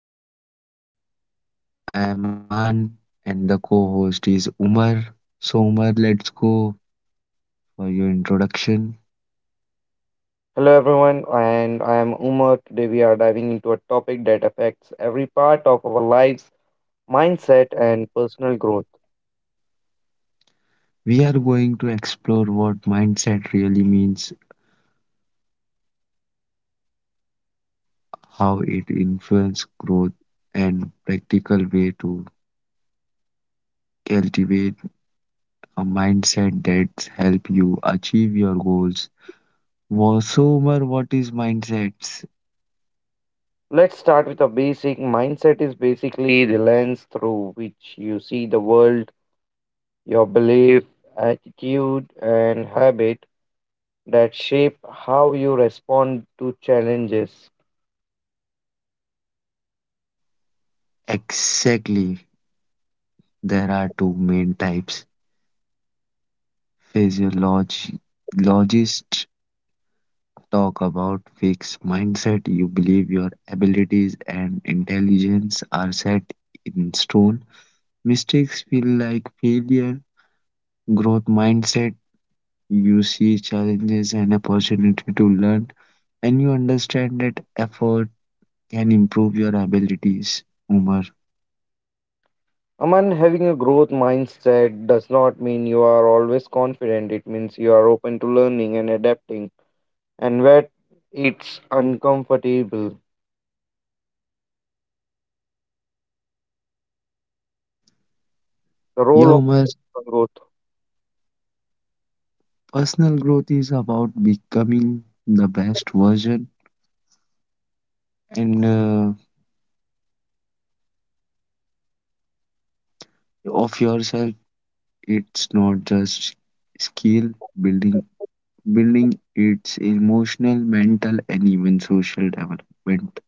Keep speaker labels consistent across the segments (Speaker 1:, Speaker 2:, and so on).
Speaker 1: episode. I am Aman and the co-host is Umar. So Umar, let's go for your introduction.
Speaker 2: Hello everyone, and I am Umar. Today we are diving into a topic that affects every part of our lives, mindset and personal growth.
Speaker 1: We are going to explore what mindset really means, how it influences growth and practical way to cultivate a mindset that help you achieve your goals. So Umar, what is mindsets?
Speaker 2: Let's start with a basic. Mindset is basically the lens through which you see the world, your belief, attitude and habit that shape how you respond to challenges.
Speaker 1: Exactly. There are two main types. Physiologists talk about fixed mindset. You believe your abilities and intelligence are set in stone. Mistakes feel like failure. Growth mindset. You see challenges and opportunity to learn, and you understand that effort can improve your abilities. Umar.
Speaker 2: Aman, having a growth mindset does not mean you are always confident. It means you are open to learning and adapting, and yet it's uncomfortable. The role
Speaker 1: Yeah, Umar.
Speaker 2: of growth.
Speaker 1: Personal growth is about becoming the best version and of yourself. It's not just skill building building, it's emotional, mental and even social development.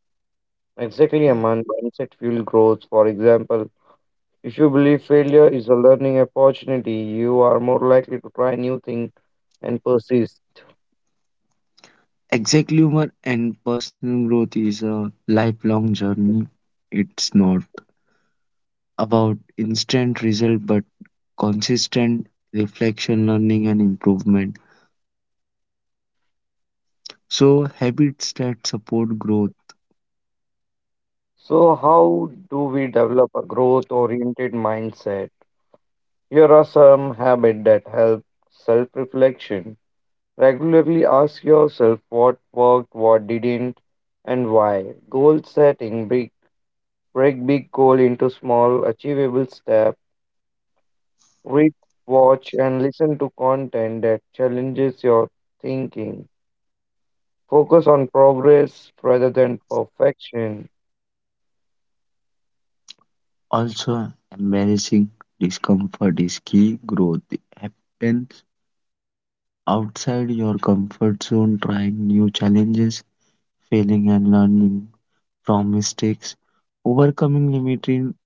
Speaker 2: Exactly, a man mindset fuel growth. For example, if you believe failure is a learning opportunity, you are more likely to try new things and persist.
Speaker 1: Exactly humor and personal growth is a lifelong journey. It's not about instant result but consistent reflection, learning and improvement. So habits that support growth
Speaker 2: So, how do we develop a growth oriented mindset? Here are some habits that help self reflection. Regularly ask yourself what worked, what didn't, and why. Goal setting. Break big goal into small, achievable steps. Read, watch, and listen to content that challenges your thinking. Focus on progress rather than perfection.
Speaker 1: also embarrassing discomfort is key. Growth happens outside your comfort zone, trying new challenges, failing and learning from mistakes, overcoming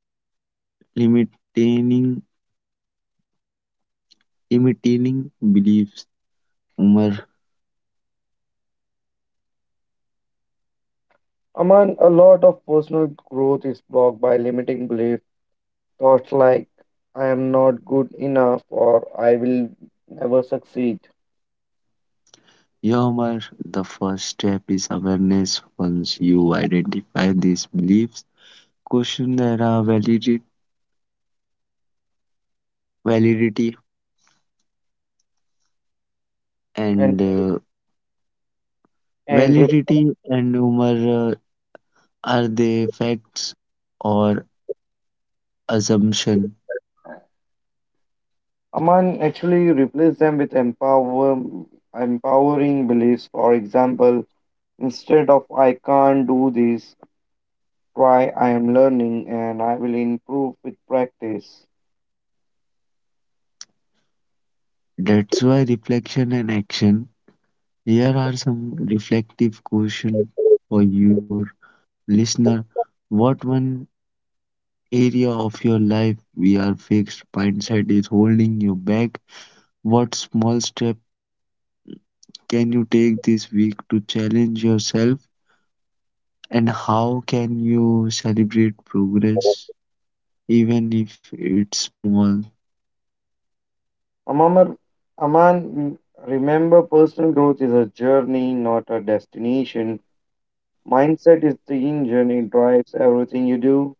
Speaker 1: limiting limiting beliefs. Umar,
Speaker 2: Aman, a lot of personal growth is blocked by limiting belief. Thoughts like, I am not good enough or I will never succeed.
Speaker 1: yeah, Umar, the first step is awareness. Once you identify these beliefs, question their validity, validity
Speaker 2: And,
Speaker 1: and
Speaker 2: and re-
Speaker 1: validity and Umar, are they facts or assumption?
Speaker 2: Aman actually replace them with empowering beliefs. For example, instead of I can't do this, try. I am learning and I will improve with practice.
Speaker 1: That's why reflection and action. Here are some reflective questions for your listener. What one area of your life we are fixed mindset is holding you back? What small step can you take this week to challenge yourself? And how can you celebrate progress even if it's small?
Speaker 2: Amar, Aman, remember personal growth is a journey, not a destination. Mindset is the engine, it drives everything you do.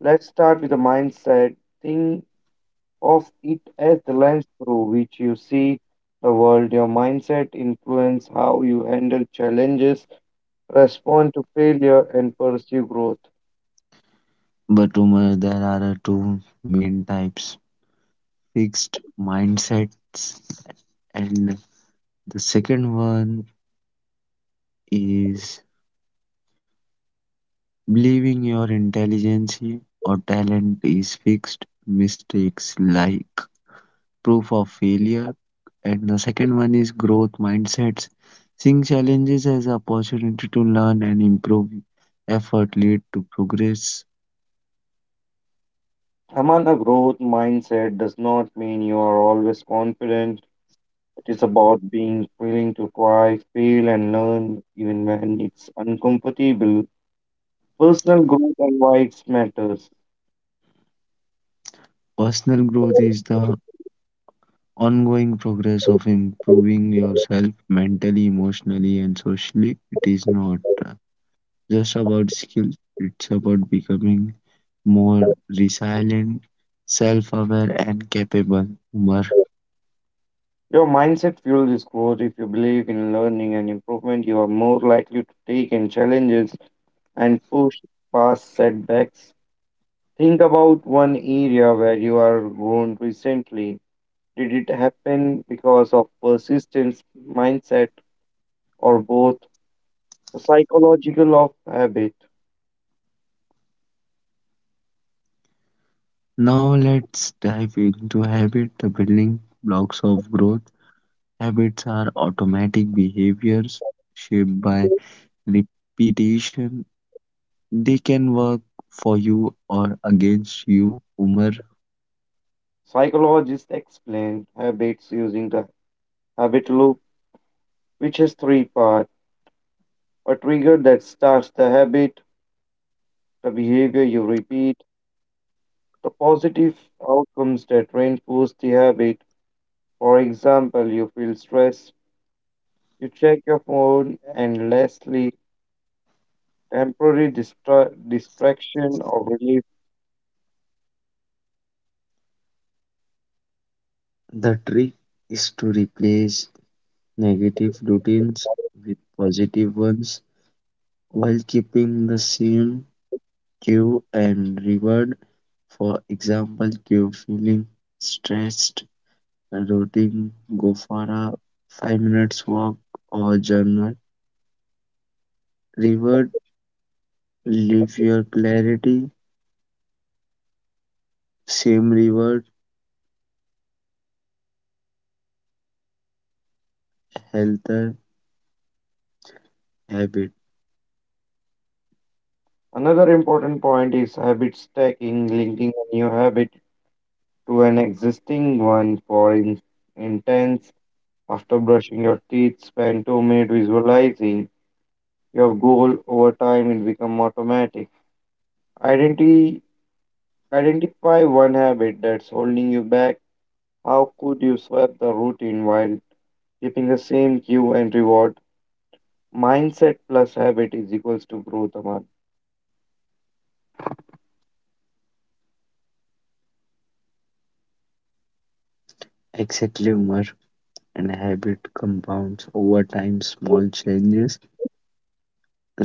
Speaker 2: Let's start with the mindset. Think of it as the lens through which you see the world. Your mindset influences how you handle challenges, respond to failure, and pursue growth.
Speaker 1: But Umar, there are two main types fixed mindsets and the second one is believing your intelligence or talent is fixed, mistakes like proof of failure. And the second one is growth mindsets, seeing challenges as opportunity to learn and improve. Effort lead to progress.
Speaker 2: Aman, a growth mindset does not mean you are always confident. It is about being willing to try, fail, and learn, even when it's uncomfortable. Personal growth and why it matters.
Speaker 1: Personal growth is the ongoing progress of improving yourself mentally, emotionally, and socially. It is not uh, just about skills, it's about becoming more resilient, self aware, and capable. Umar.
Speaker 2: Your mindset fuels this growth. If you believe in learning and improvement, you are more likely to take in challenges and push past setbacks. Think about one area where you are grown recently. Did it happen because of persistence mindset or both? The psychological of habit.
Speaker 1: Now, let's dive into habit, the building blocks of growth. Habits are automatic behaviors shaped by repetition. They can work for you or against you, Umar.
Speaker 2: Psychologists explain habits using the habit loop, which has three parts. A trigger that starts the habit, the behavior you repeat, the positive outcomes that reinforce the habit. For example, you feel stressed, you check your phone, and lastly, temporary distraction or relief.
Speaker 1: The trick is to replace negative routines with positive ones while keeping the same cue and reward. For example, cue feeling stressed, routine, go for a 5 minutes walk or journal. Reward, live your clarity, same reward, healthier habit.
Speaker 2: Another important point is habit stacking, linking a new habit to an existing one. Instance, after brushing your teeth, spend 2 minutes visualizing your goal. Over time, it becomes automatic. Identi- Identify one habit that's holding you back. How could you swap the routine while keeping the same cue and reward? Mindset plus habit is equals to growth, Aman.
Speaker 1: Exactly, Umar, and habit compounds over time. Small changes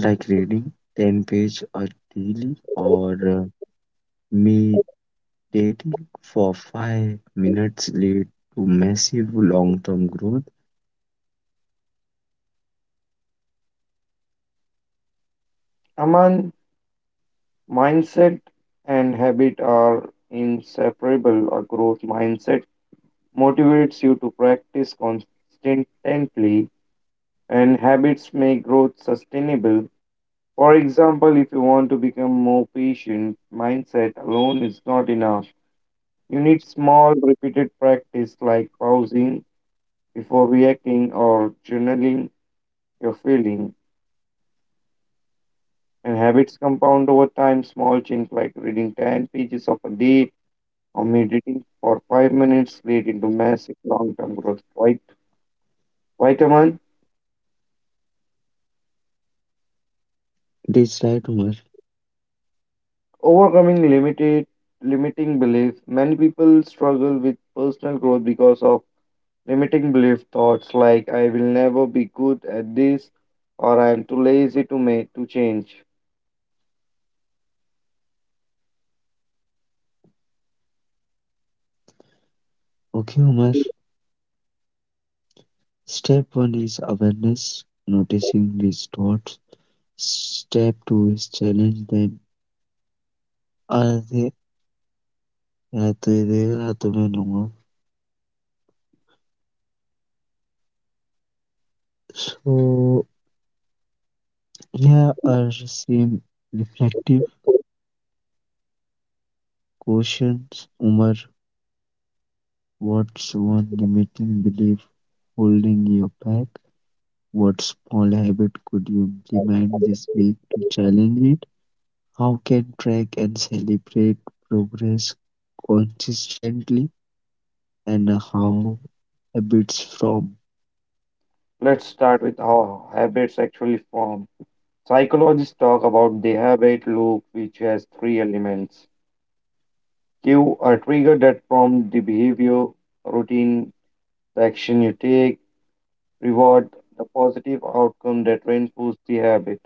Speaker 1: like reading 10 page or daily or me dating for 5 minutes lead to massive long-term growth.
Speaker 2: Aman, mindset and habit are inseparable. A growth mindset motivates you to practice constantly, and habits make growth sustainable. For example, if you want to become more patient, mindset alone is not enough. You need small, repeated practice like pausing before reacting or journaling your feeling. And habits compound over time. Small change like reading 10 pages of a day or meditating for 5 minutes lead into massive long term growth. Right, right, Aman?
Speaker 1: That's right, Umar.
Speaker 2: Overcoming limited limiting beliefs. Many people struggle with personal growth because of limiting belief thoughts like I will never be good at this or I am too lazy to make to change.
Speaker 1: Okay, Umar. Step one is awareness, noticing these thoughts. Step two is challenge them. Are they are they there? Are they no more? So here are some reflective questions. Umar, what's one limiting belief holding you back? What small habit could you implement this week to challenge it? How can track and celebrate progress consistently? And how habits from
Speaker 2: Let's start with how habits actually form. Psychologists talk about the habit loop which has three elements. Cue, a trigger that prompts the behavior, routine, the action you take, reward, the positive outcome that reinforces the habit.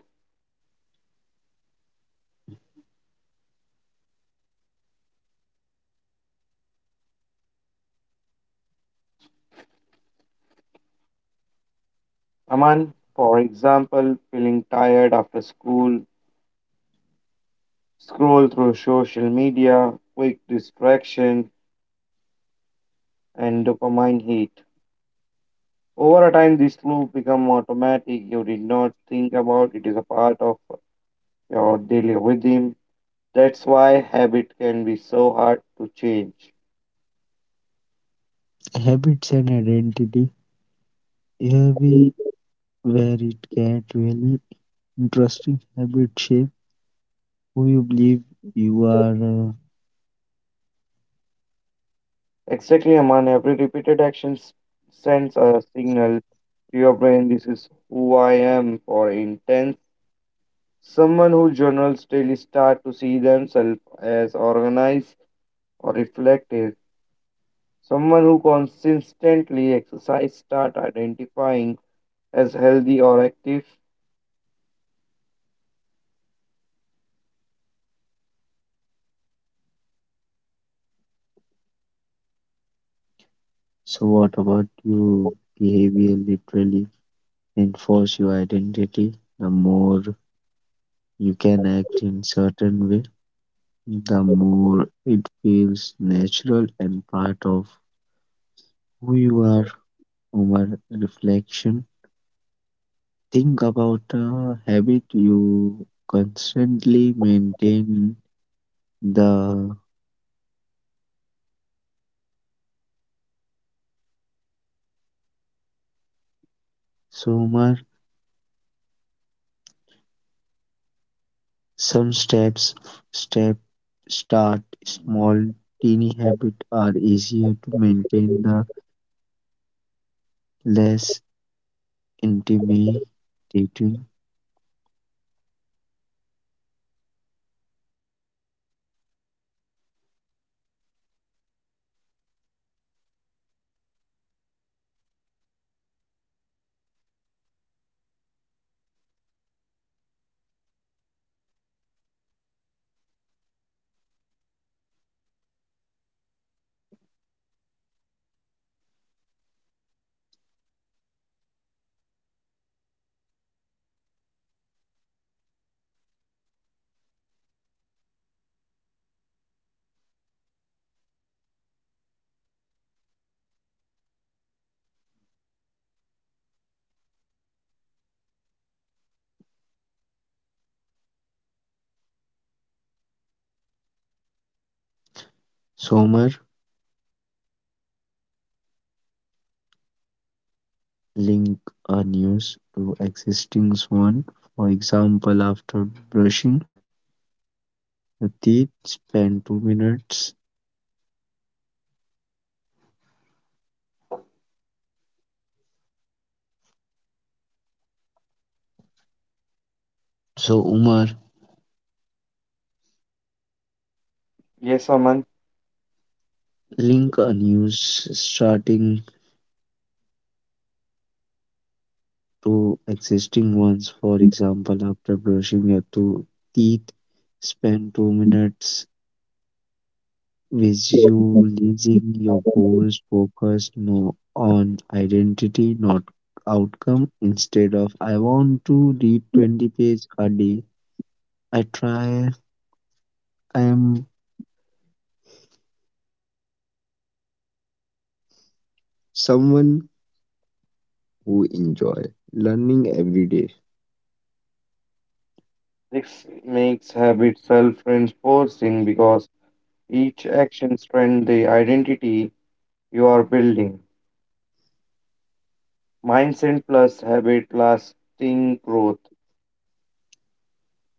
Speaker 2: Aman, for example, feeling tired after school, scroll through social media, quick distraction, and dopamine hit. Over a time, this loop become automatic. You did not think about it is a part of your daily rhythm. That's why habit can be so hard to change.
Speaker 1: habits and identity? Here we where it get really interesting. Habit shape who you believe you are. uh,
Speaker 2: Exactly, Aman. Every repeated sends a signal to your brain. This is who I am for intense. Someone who journals daily start to see themselves as organized or reflective. Someone who consistently exercise start identifying as healthy or active.
Speaker 1: so what about you? Behavior literally enforce your identity. The more you can act in certain way, the more it feels natural and part of who you are. Over reflection, think about a habit you constantly maintain the summer. Some steps, Step, start small, teeny habits are easier to maintain the less intimidating.
Speaker 2: Aman, Actually, Aman, every repeated action sends a signal to your brain. This is who I am for intense. It is habit to shape identity. Then choosing the right habit shapes the person you want to become.
Speaker 1: Summer, link a news to existing one, for example after brushing your teeth spend 2 minutes. So Umar,
Speaker 2: Yes, Aman,
Speaker 1: link a news starting to existing ones, for example after brushing your two teeth spend 2 minutes visualizing your goals focused no on identity not outcome instead of I want to read 20 pages a day. i try I am someone who enjoy learning every day.
Speaker 2: this makes habit self-reinforcing because each action strengthens the identity you are building. Mindset plus habit lasting growth.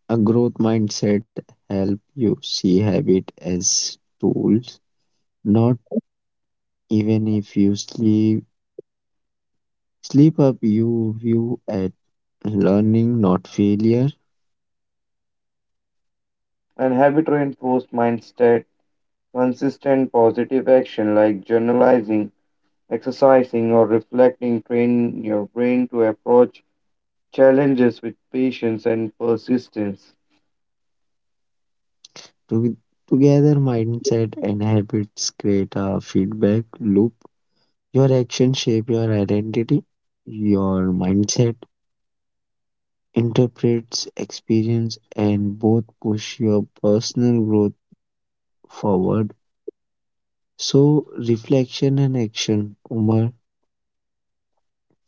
Speaker 1: A growth mindset help you see habit as tools, not even if you sleep up you view at learning not failure.
Speaker 2: And habit reinforced mindset, consistent positive action like journalizing, exercising, or reflecting train your brain to approach challenges with patience and persistence.
Speaker 1: To, Together mindset and habits create a feedback loop. Your actions shape your identity. Your mindset interprets experience and both push your personal growth forward. So, reflection and action, Umar.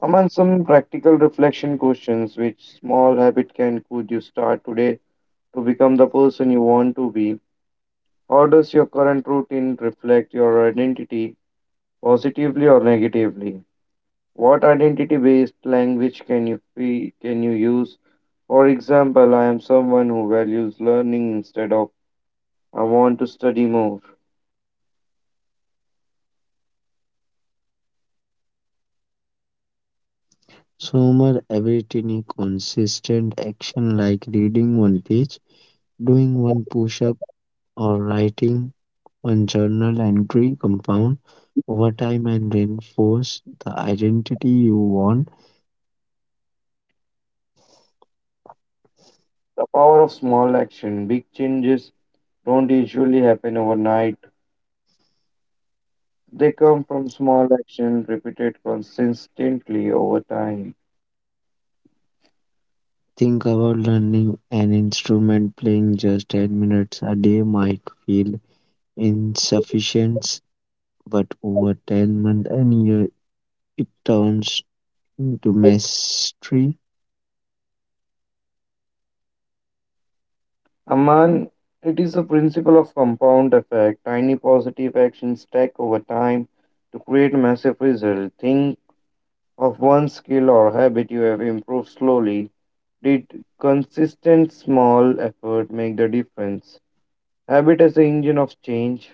Speaker 2: Among some practical reflection questions, which small habit can could you start today to become the person you want to be? How does your current routine reflect your identity positively or negatively? What identity based language can you use? For example, I am someone who values learning instead of I want to study more.
Speaker 1: So, Umar, everything consistent action like reading one page, doing one push up, or writing one journal entry compound over time and reinforce the identity you want.
Speaker 2: The power of small action. Big changes don't usually happen overnight. They come from small action repeated consistently over time.
Speaker 1: Think about learning an instrument, playing just 10 minutes a day might feel insufficient, but over 10 months and year, it turns into mastery.
Speaker 2: Aman, it is a principle of compound effect. Tiny positive actions stack over time to create massive results. Think of one skill or habit you have improved slowly. Did consistent small effort make the difference? Habit as the engine of change.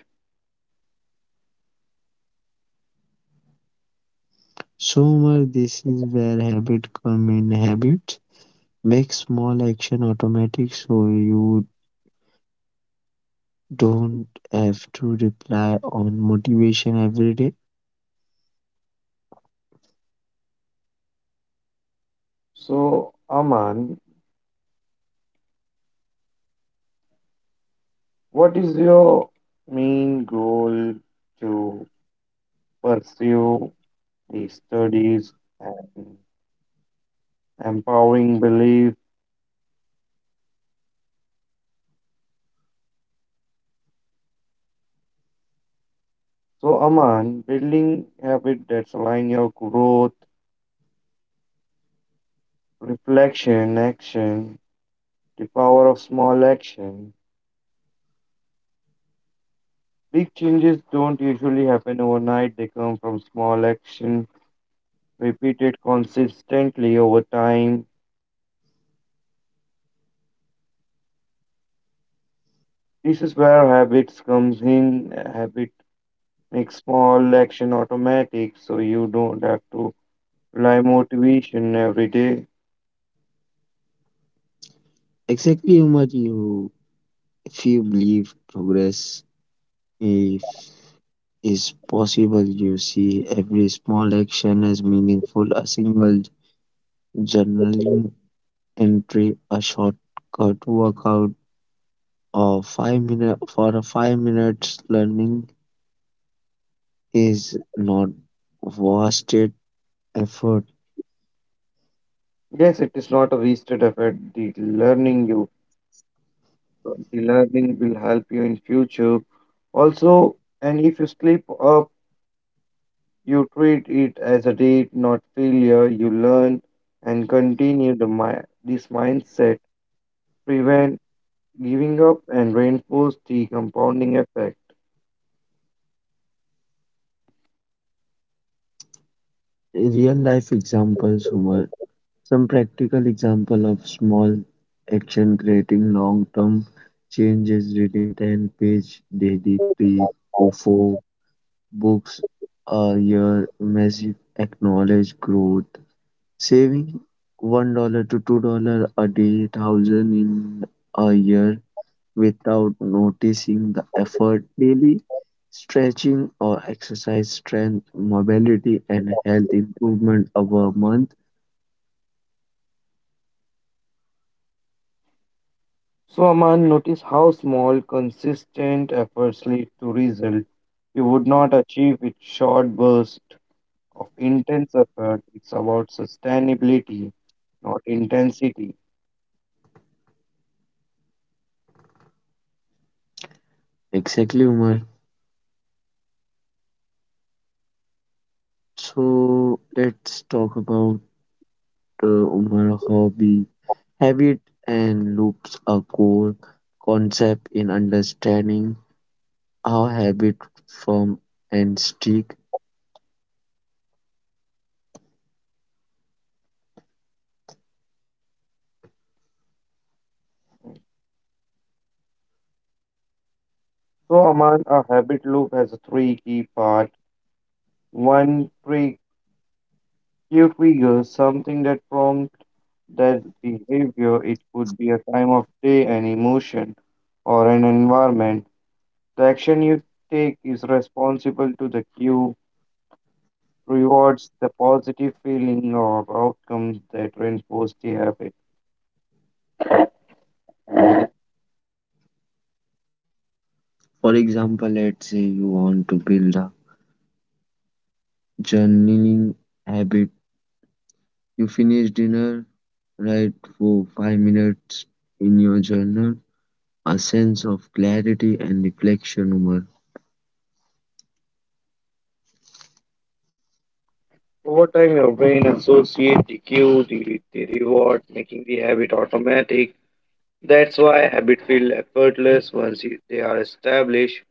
Speaker 1: So much this is where habit come in. Habit make small action automatic so you don't have to rely on motivation every day.
Speaker 2: So, Aman, what is your main goal to pursue these studies and empowering belief. So, Aman, building habits that align your growth, reflection, action, the power of small action. Big changes don't usually happen overnight, they come from small action repeated consistently over time. This is where habits comes in. A habit makes small action automatic so you don't have to rely motivation every day.
Speaker 1: Exactly how much you, if you believe progress if is possible you see every small action as meaningful. A single journaling entry, a shortcut workout, or 5 minutes learning is not wasted effort.
Speaker 2: Yes, it is not a wasted effort. The learning you. So relearning will help you in future. Also, and if you slip up, you treat it as a date, not failure. You learn and continue this mindset. Prevent giving up and reinforce the compounding effect.
Speaker 1: Real life examples were some practical example of small action creating long term changes. Reading ten-page daily, three to four books a year, massive acknowledge growth. Saving $1 to $2 a day, thousand in a year without noticing the effort daily. Stretching or exercise, strength, mobility, and health improvement over a month.
Speaker 2: So Aman, notice how small, consistent efforts lead to result. You would not achieve with short bursts of intense effort. It's about sustainability, not intensity.
Speaker 1: Exactly, Umar. So let's talk about Umar hobby. Habit and loops are core concept in understanding how habit form and stick.
Speaker 2: So, Aman, a habit loop has a three key part. One, pre cue trigger, something that prompts that behavior. It could be a time of day, an emotion, or an environment. The action you take is responsible to the cue, rewards the positive feeling or outcomes that reinforce the habit.
Speaker 1: For example, let's say you want to build a journaling habit. You finish dinner, write for 5 minutes in your journal. A sense of clarity and reflection, Umar,
Speaker 2: Over time, your brain associates the cue, the reward, making the habit automatic. That's why habits feel effortless once they are established.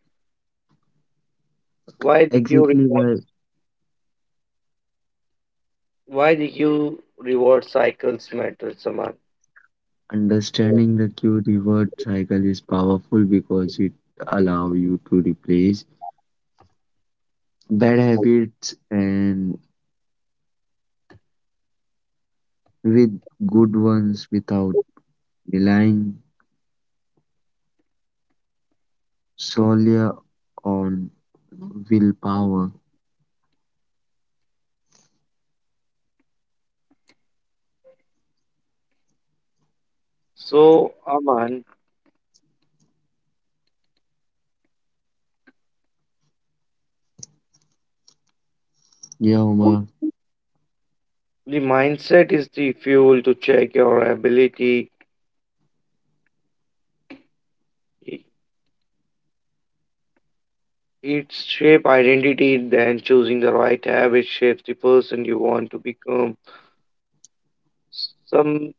Speaker 2: Why the Q
Speaker 1: exactly why.
Speaker 2: reward, why the Q reward cycles matter, Saman.
Speaker 1: Understanding the cue reward cycle is powerful because it allows you to replace bad habits and with good ones without relying solely on willpower.
Speaker 2: So, Aman,
Speaker 1: Yeah, Umar.
Speaker 2: the mindset is the fuel to check your ability. I- It shape identity, then choosing the right habit shapes the person you want to become. Some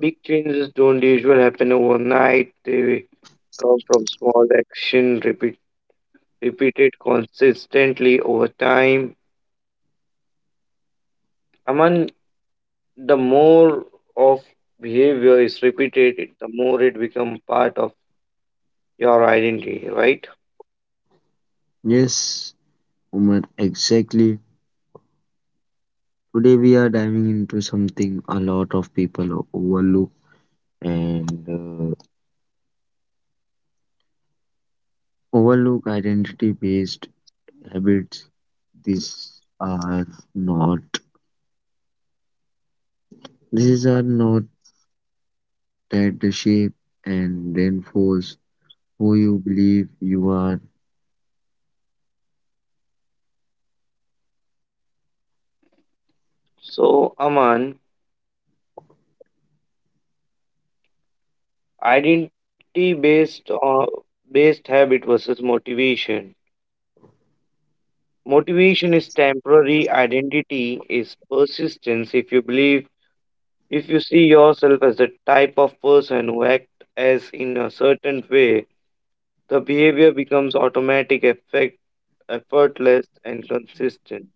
Speaker 2: big changes don't usually happen overnight. They come from small action, repeated consistently over time, among the more of behavior is repeated, the more it becomes part of your identity, right?
Speaker 1: Yes, Umar, exactly. Today we are diving into something a lot of people overlook and overlook identity based habits. these are not these are not that the shape and reinforce who you believe you are
Speaker 2: So, Aman, identity based or based habit versus motivation. Motivation is temporary, identity is persistence. If you see yourself as the type of person who acts as in a certain way, the behavior becomes automatic effect effortless, and consistent.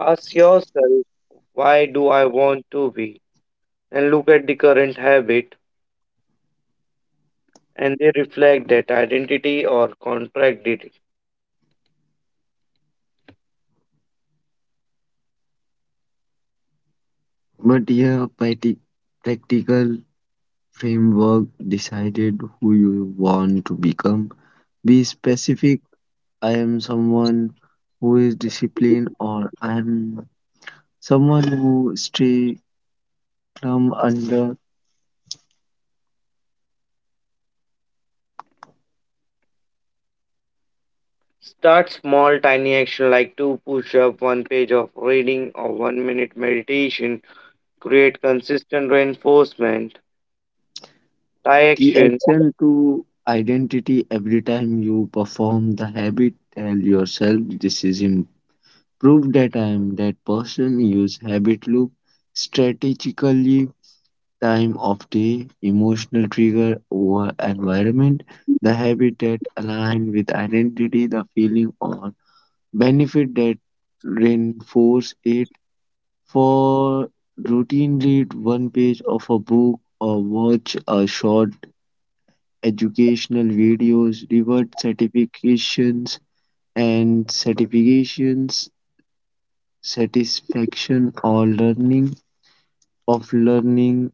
Speaker 2: Ask yourself, why do I want to be? And look at the current habit, and they reflect that identity or contract it.
Speaker 1: but yeah practical framework. Decided who you want to become, be specific. I am someone who is disciplined or I am someone who stay calm under
Speaker 2: Start small, tiny action like two push up, one page of reading, or 1 minute meditation. Create consistent reinforcement. Tie
Speaker 1: the
Speaker 2: action.
Speaker 1: action to identity. Every time you perform the habit, tell yourself this is improved that I am that person. Use habit loop strategically, time of day, emotional trigger over environment, the habit that align with identity, the feeling or benefit that reinforce it. For routine, read one page of a book or watch a short educational videos, reward certifications and certifications, satisfaction or learning,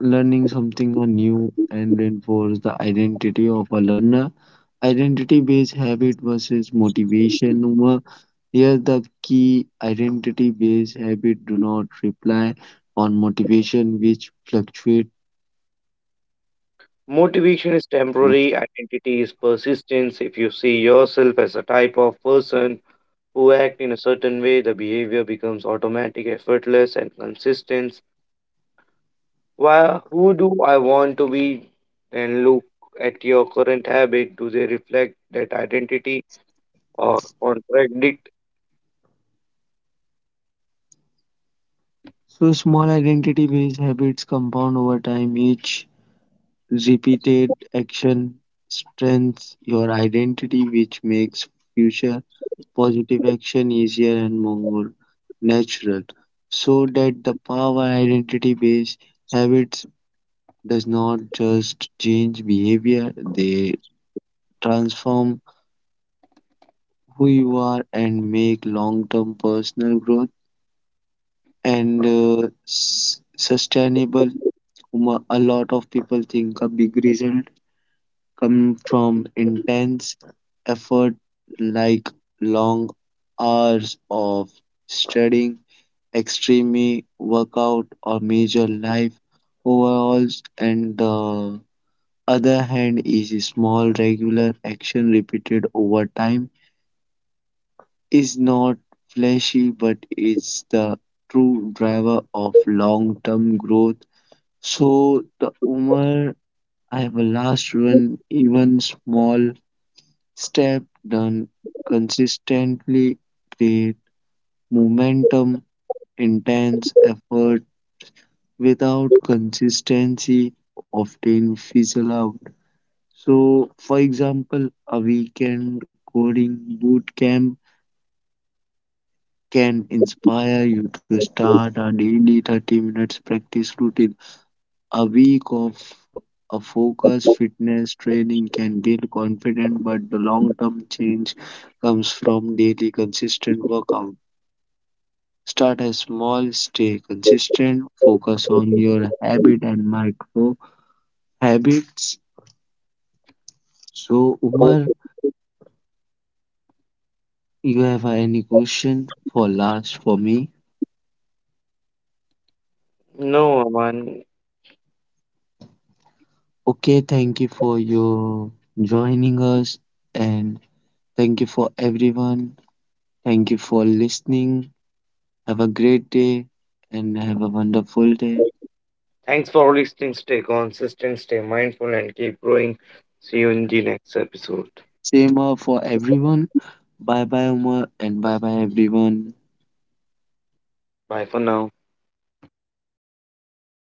Speaker 1: learning something or new and reinforce the identity of a learner. Identity based habit versus motivation. Uma. Here the key identity based habit do not rely on motivation which fluctuates.
Speaker 2: Motivation is temporary, identity is persistence. If you see yourself as a type of person who act in a certain way, the behavior becomes automatic, effortless, and consistent. Why, who do I want to be? Then look at your current habit. Do they reflect that identity or contradict?
Speaker 1: So small identity based habits compound over time, each repeated action strengthens your identity, which makes future positive action easier and more natural. So that the power identity based habits does not just change behavior, they transform who you are and make long term personal growth sustainable. A lot of people think a big reason come from intense effort like long hours of studying, extreme workout, or major life overhauls, and the other hand is a small regular action repeated over time is not flashy but is the true driver of long-term growth. So the Umar, I have a last one, even small step done consistently create momentum. Intense effort without consistency often fizzle out. So, for example, a weekend coding boot camp can inspire you to start a daily 30 minutes practice routine. A week of a focused fitness training can build confidence, but the long term change comes from daily consistent workout. Start a small, stay consistent, focus on your habit and micro habits. So, Umar, you have any question for last for me?
Speaker 2: No, Aman.
Speaker 1: Okay, thank you for your joining us and thank you for everyone. Thank you for listening. Have a great day and have a wonderful day.
Speaker 2: Thanks for listening. Stay consistent, stay mindful, and keep growing. See you in the next episode.
Speaker 1: Same for everyone. Bye bye, Umar, and bye bye, everyone.
Speaker 2: Bye for now.